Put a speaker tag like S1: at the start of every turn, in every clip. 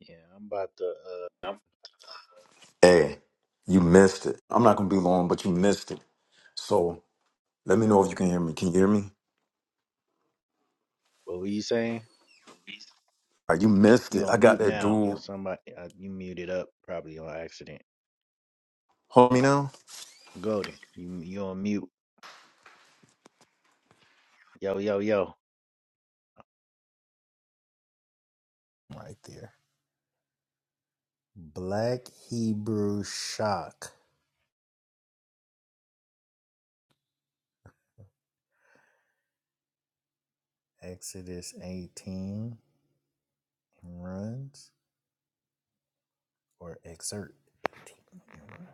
S1: Yeah, I'm about to. Uh,
S2: Hey, you missed it. I'm not gonna be long, but you missed it. So let me know if you can hear me. Can you hear me?
S1: what were you saying?
S2: All right, you missed
S1: You
S2: it. I
S1: on
S2: got
S1: mute
S2: that
S1: now?
S2: dude.
S1: Somebody, uh, you muted up probably on accident.
S2: Hold me now.
S1: Golden, you you on mute? Yo yo yo. right there. Black Hebrew shock. Exodus 18 and runs or excerpt 18 and runs.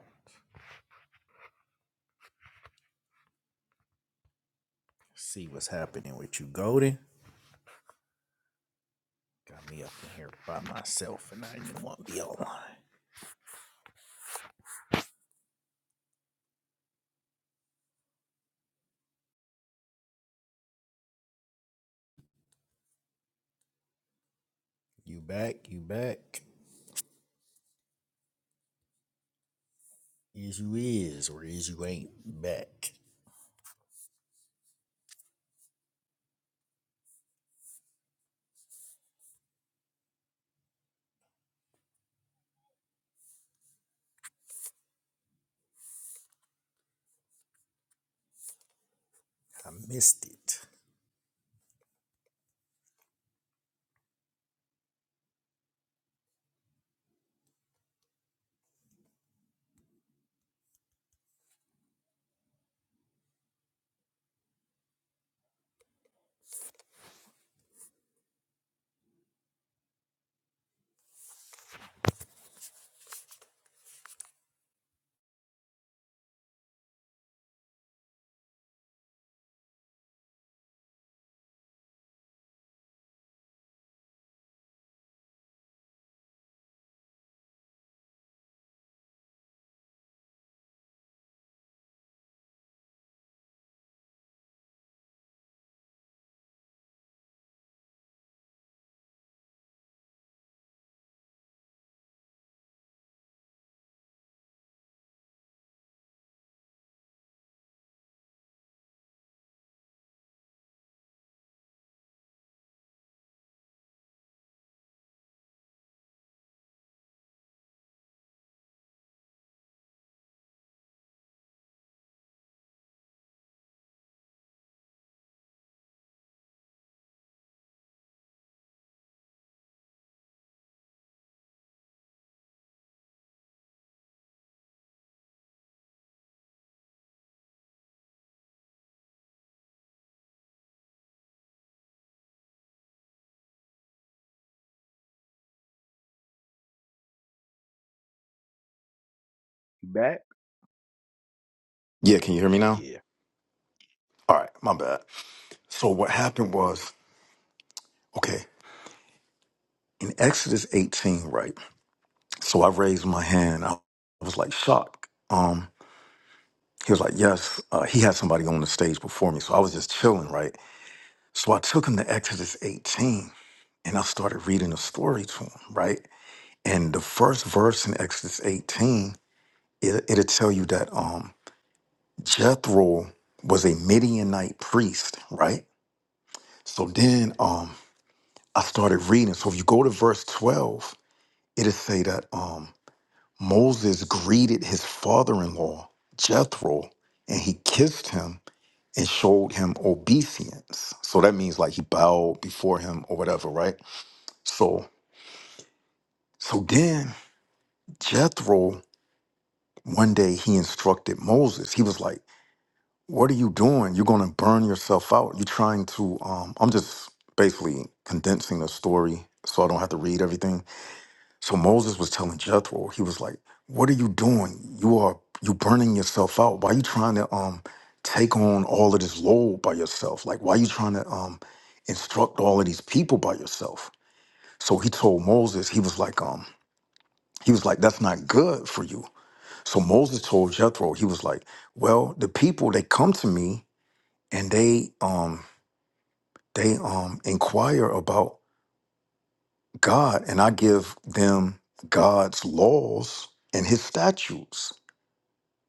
S1: See what's happening with you, Golden. Got me up in here by myself and I just want to be online. You back, you back. Is you is or is you ain't back. I missed it. You back?
S2: Yeah, can you hear me now?
S1: Yeah.
S2: All right, my bad. So what happened was, okay, in Exodus 18, right? So I raised my hand. I was like shocked. Um, he was like, yes. Uh, he had somebody on the stage before me, so I was just chilling, right? So I took him to Exodus 18, and I started reading the story to him, right? And the first verse in Exodus 18, it, it'll tell you that um, Jethro was a Midianite priest, right? So then um, I started reading. So if you go to verse 12, it'll say that um, Moses greeted his father in law, Jethro, and he kissed him and showed him obeisance. So that means like he bowed before him or whatever, right? So so then Jethro, one day he instructed Moses. He was like, what are you doing? You're going to burn yourself out. You're trying to. Um, I'm just basically condensing the story so I don't have to read everything. So Moses was telling Jethro, he was like, "What are you doing? You are you burning yourself out. Why are you trying to um take on all of this load by yourself? Like, why are you trying to um instruct all of these people by yourself?" So he told Moses, he was like, um, he was like, "That's not good for you." So Moses told Jethro, he was like, "Well, the people they come to me." and they um they um inquire about God and I give them God's laws and his statutes.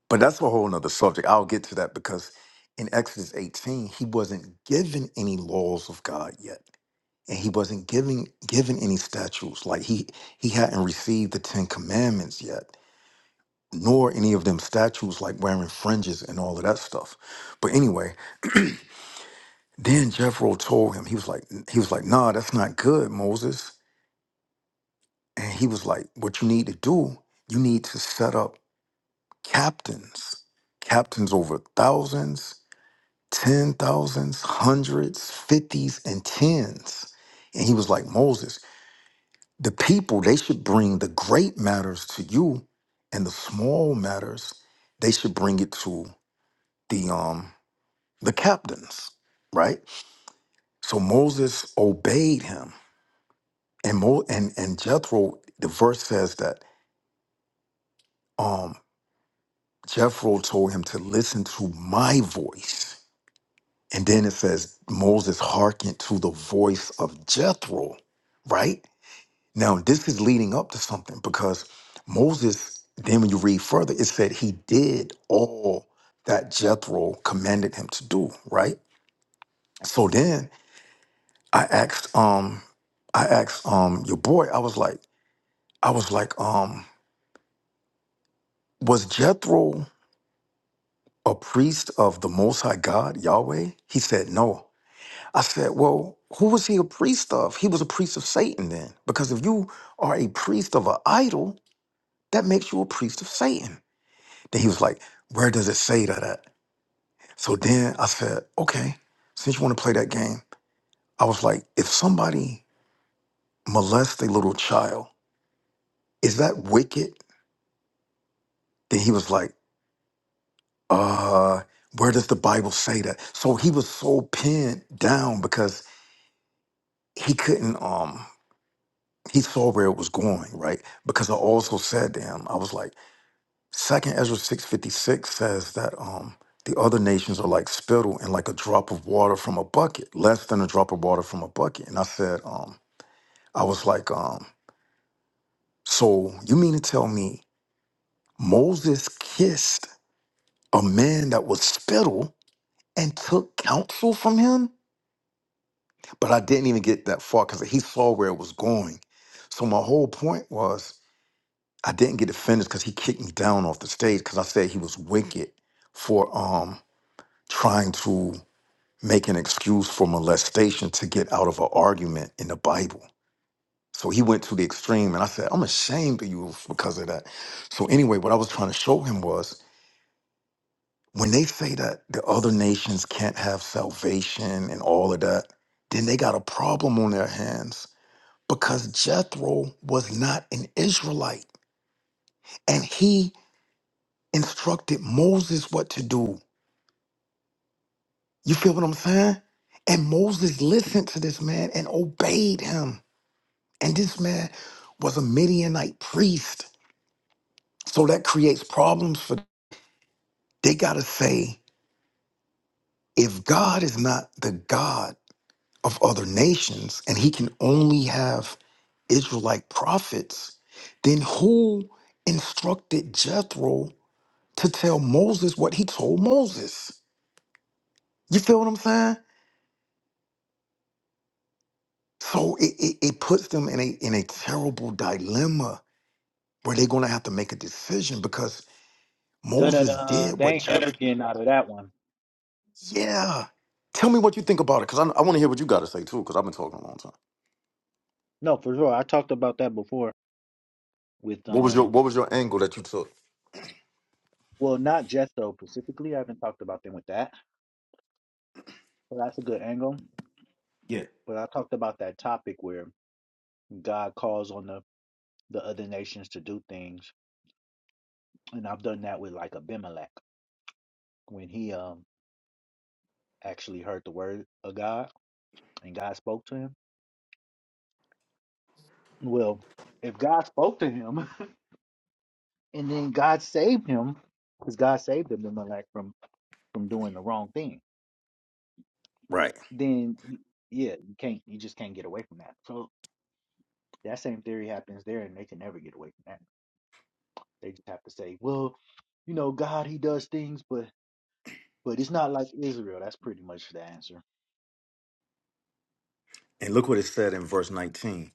S2: But that's a whole nother subject. I'll get to that because in Exodus 18, he wasn't given any laws of God yet. And he wasn't giving given any statutes. Like he he hadn't received the Ten Commandments yet, nor any of them statutes like wearing fringes and all of that stuff. But anyway, Then Jethro told him, he was like, he was like, nah, that's not good, Moses. And he was like, what you need to do, you need to set up captains, captains over thousands, ten thousands, hundreds, fifties, and tens. And he was like, Moses, the people, they should bring the great matters to you, and the small matters, they should bring it to the um the captains, right? So Moses obeyed him And Mo and and Jethro, the verse says that um Jethro told him to listen to my voice. And then it says Moses hearkened to the voice of Jethro, right? Now this is leading up to something because Moses, then when you read further, it said he did all that Jethro commanded him to do, right? So then I asked um I asked um your boy, I was like, I was like, um, was Jethro a priest of the Most High God, Yahweh? He said, No. I said, Well, who was he a priest of? He was a priest of Satan then. Because if you are a priest of an idol, that makes you a priest of Satan. Then he was like, Where does it say that at? So then I said, Okay, since you want to play that game, I was like, If somebody molests a little child, is that wicked? Then he was like, Uh, where does the Bible say that? So he was so pinned down because he couldn't. Um, he saw where it was going, right? Because I also said to him, I was like, Second Ezra six fifty six says that um the other nations are like spittle and like a drop of water from a bucket, less than a drop of water from a bucket. And I said, um, I was like, um, so you mean to tell me Moses kissed a man that was spittle and took counsel from him? But I didn't even get that far because he saw where it was going. So my whole point was I didn't get offended because he kicked me down off the stage because I said he was wicked for um trying to make an excuse for molestation to get out of an argument in the Bible. So he went to the extreme, and I said, I'm ashamed of you because of that. So anyway, what I was trying to show him was when they say that the other nations can't have salvation and all of that, then they got a problem on their hands because Jethro was not an Israelite and he instructed Moses what to do. You feel what I'm saying? And Moses listened to this man and obeyed him. And this man was a Midianite priest. So that creates problems for they got to say if God is not the God of other nations and he can only have Israelite prophets, then who instructed Jethro to tell Moses what he told Moses? You feel what I'm saying? So it, it, it puts them in a in a terrible dilemma where they're gonna have to make a decision because
S1: Da da
S2: Moses
S1: da.
S2: did
S1: They
S2: what
S1: ain't
S2: Hello.
S1: never getting out of that one.
S2: Yeah. Tell me what you think about it, because I, I want to hear what you got to say too, because I've been talking a long time.
S1: No, for sure. I talked about that before with
S2: What was your
S1: um.
S2: What was your angle that you took?
S1: Well, not Jethro specifically. I haven't talked about them with that, but that's a good angle. But I talked about that topic where God calls on the the other nations to do things, and I've done that with like Abimelech when he um actually heard the word of God and God spoke to him. Well, if God spoke to him. and then God saved him because God saved him, the like from from doing the wrong thing.
S2: Right.
S1: Then you, yeah, you can't you just can't get away from that. So that same theory happens there, and they can never get away from that. They just have to say, well, you know, God he does things, but but it's not like Israel. That's pretty much the answer.
S2: And look what it said in verse nineteen.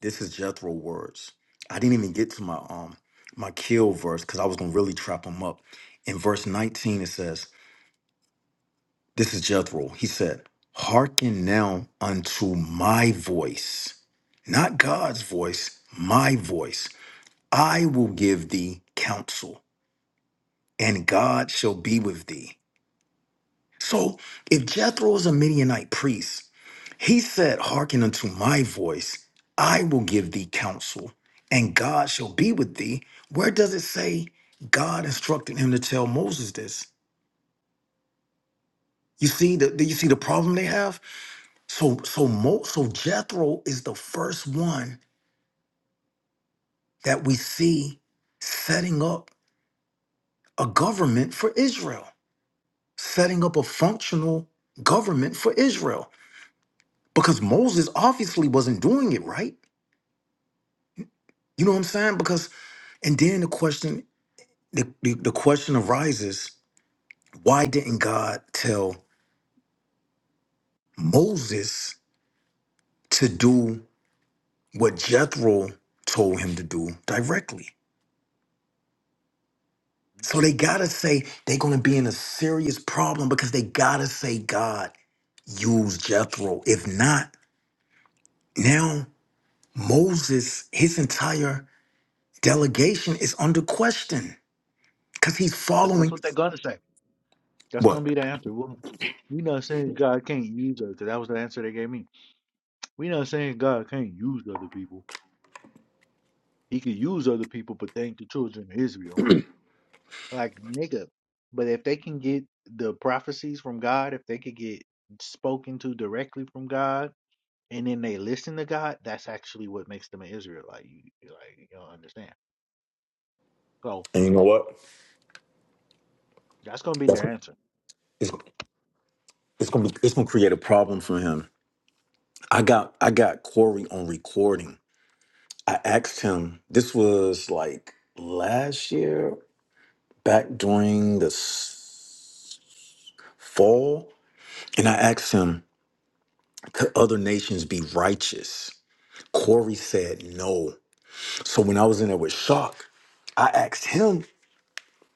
S2: This is Jethro's words. I didn't even get to my um my kill verse because I was gonna really trap him up. In verse nineteen, it says. This is Jethro. He said, Hearken now unto my voice, not God's voice, my voice. I will give thee counsel, and God shall be with thee. So if Jethro is a Midianite priest, he said, Hearken unto my voice, I will give thee counsel, and God shall be with thee. Where does it say God instructed him to tell Moses this? You see the do you see the problem they have? So so Mo, so Jethro is the first one that we see setting up a government for Israel, setting up a functional government for Israel. Because Moses obviously wasn't doing it right. You know what I'm saying? Because and then the question the, the, the question arises, why didn't God tell Moses to do what Jethro told him to do directly? So they gotta say they're gonna be in a serious problem because they gotta say God used Jethro. If not, now Moses, his entire delegation is under question because he's
S1: But that's
S2: following
S1: what they're gonna say. That's gonna
S2: what?
S1: be the answer. Well, we not saying God can't use us, 'cause that was the answer they gave me. We not saying God can't use other people. He can use other people, but thank the children of Israel. Like, nigga, but if they can get the prophecies from God, if they could get spoken to directly from God, and then they listen to God, that's actually what makes them an Israelite. You you like you don't understand. So
S2: And you know what?
S1: that's gonna be
S2: That's
S1: their answer.
S2: it's, it's gonna be, it's gonna create a problem for him. I got I got Corey on recording. I asked him. This was like last year, back during the s- fall, and I asked him Could other nations be righteous. Corey said no. So when I was in there with Shock, I asked him,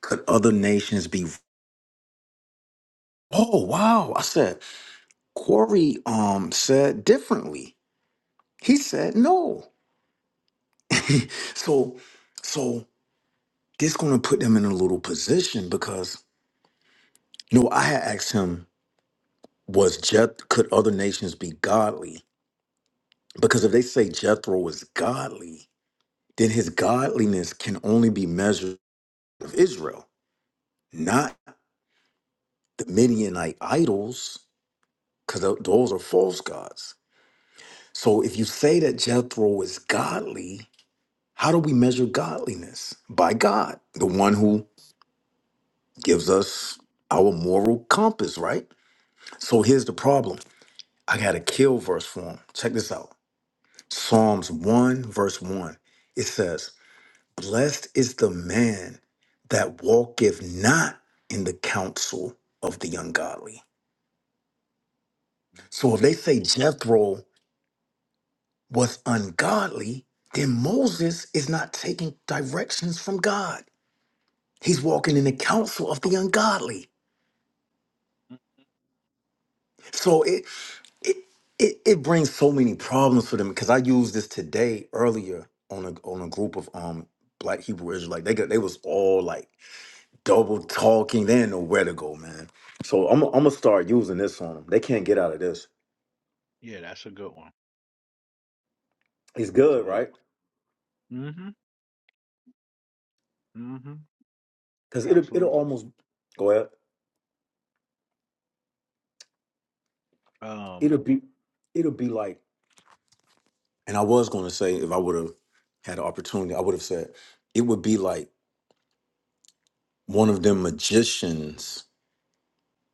S2: could other nations be? Oh wow! I said Corey um said differently. He said no. so so this gonna put them in a little position because you know I had asked him was Jeth could other nations be godly because if they say Jethro was godly then his godliness can only be measured of Israel not the Midianite idols, because those are false gods. So if you say that Jethro is godly, how do we measure godliness? By God, the one who gives us our moral compass, right? So here's the problem I got a kill verse for him. Check this out Psalms 1, verse 1. It says, Blessed is the man that walketh not in the counsel of the ungodly. So if they
S1: Mhm.
S2: say Jethro was ungodly, then Moses is not taking directions from God. He's walking in the counsel of the ungodly.
S1: Mm.
S2: So it it it, it brings so many problems for them because I used this today earlier on a on a group of um black Hebrew Israelite. They got they was all like double talking. They didn't know where to go, man. So I'm I'm gonna start using this on them. They can't get out of this.
S1: Yeah, that's a good one.
S2: It's good,
S1: That's a good
S2: right?
S1: one. hmm hmm
S2: Because it'll it'll
S1: Absolutely.
S2: almost go ahead. It'll
S1: Um,
S2: be it'll be like And I was going to say, if I would have had an opportunity, I would have said it would be like one of them magicians.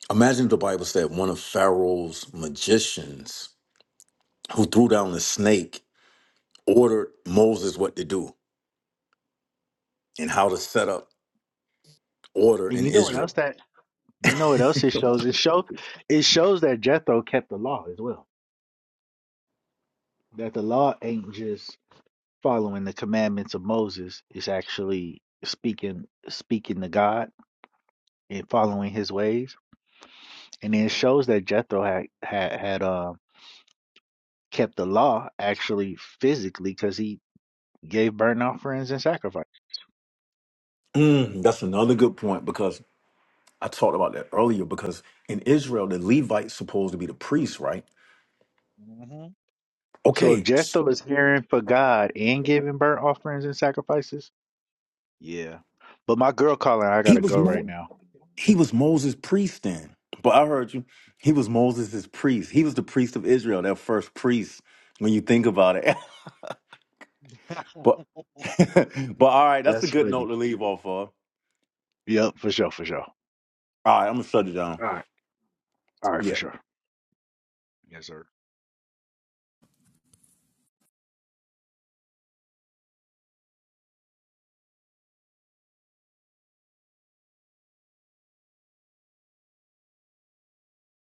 S2: Imagine if the Bible said one of Pharaoh's magicians who threw down the snake ordered Moses what to do and how to set up order
S1: and
S2: in
S1: you know what else
S2: Israel.
S1: that you know what else it shows? It show it shows that Jethro kept the law as well. That the law ain't just following the commandments of Moses is actually speaking speaking to God and following his ways. And then it shows that Jethro had had, had uh, kept the law actually physically because he gave burnt offerings and sacrifice.
S2: Mm, that's another good point because I talked about that earlier. Because in Israel, the Levites supposed to be the priests, right?
S1: hmm So if
S2: Okay,
S1: Jethro is hearing for God and giving burnt offerings and sacrifices, Yeah. But my girl calling, I
S2: he
S1: gotta
S2: was
S1: go right
S2: more.
S1: now.
S2: He was Moses' priest then. But I heard you. He was Moses' priest. He was the priest of Israel, their first priest, when you think about it. but but all right, that's a
S1: That's
S2: good
S1: funny.
S2: note to leave off of. All
S1: Yep, for sure, for sure.
S2: right, I'm gonna shut it down.
S1: All right. All right, for
S2: Yeah.
S1: sure. Yes, sir.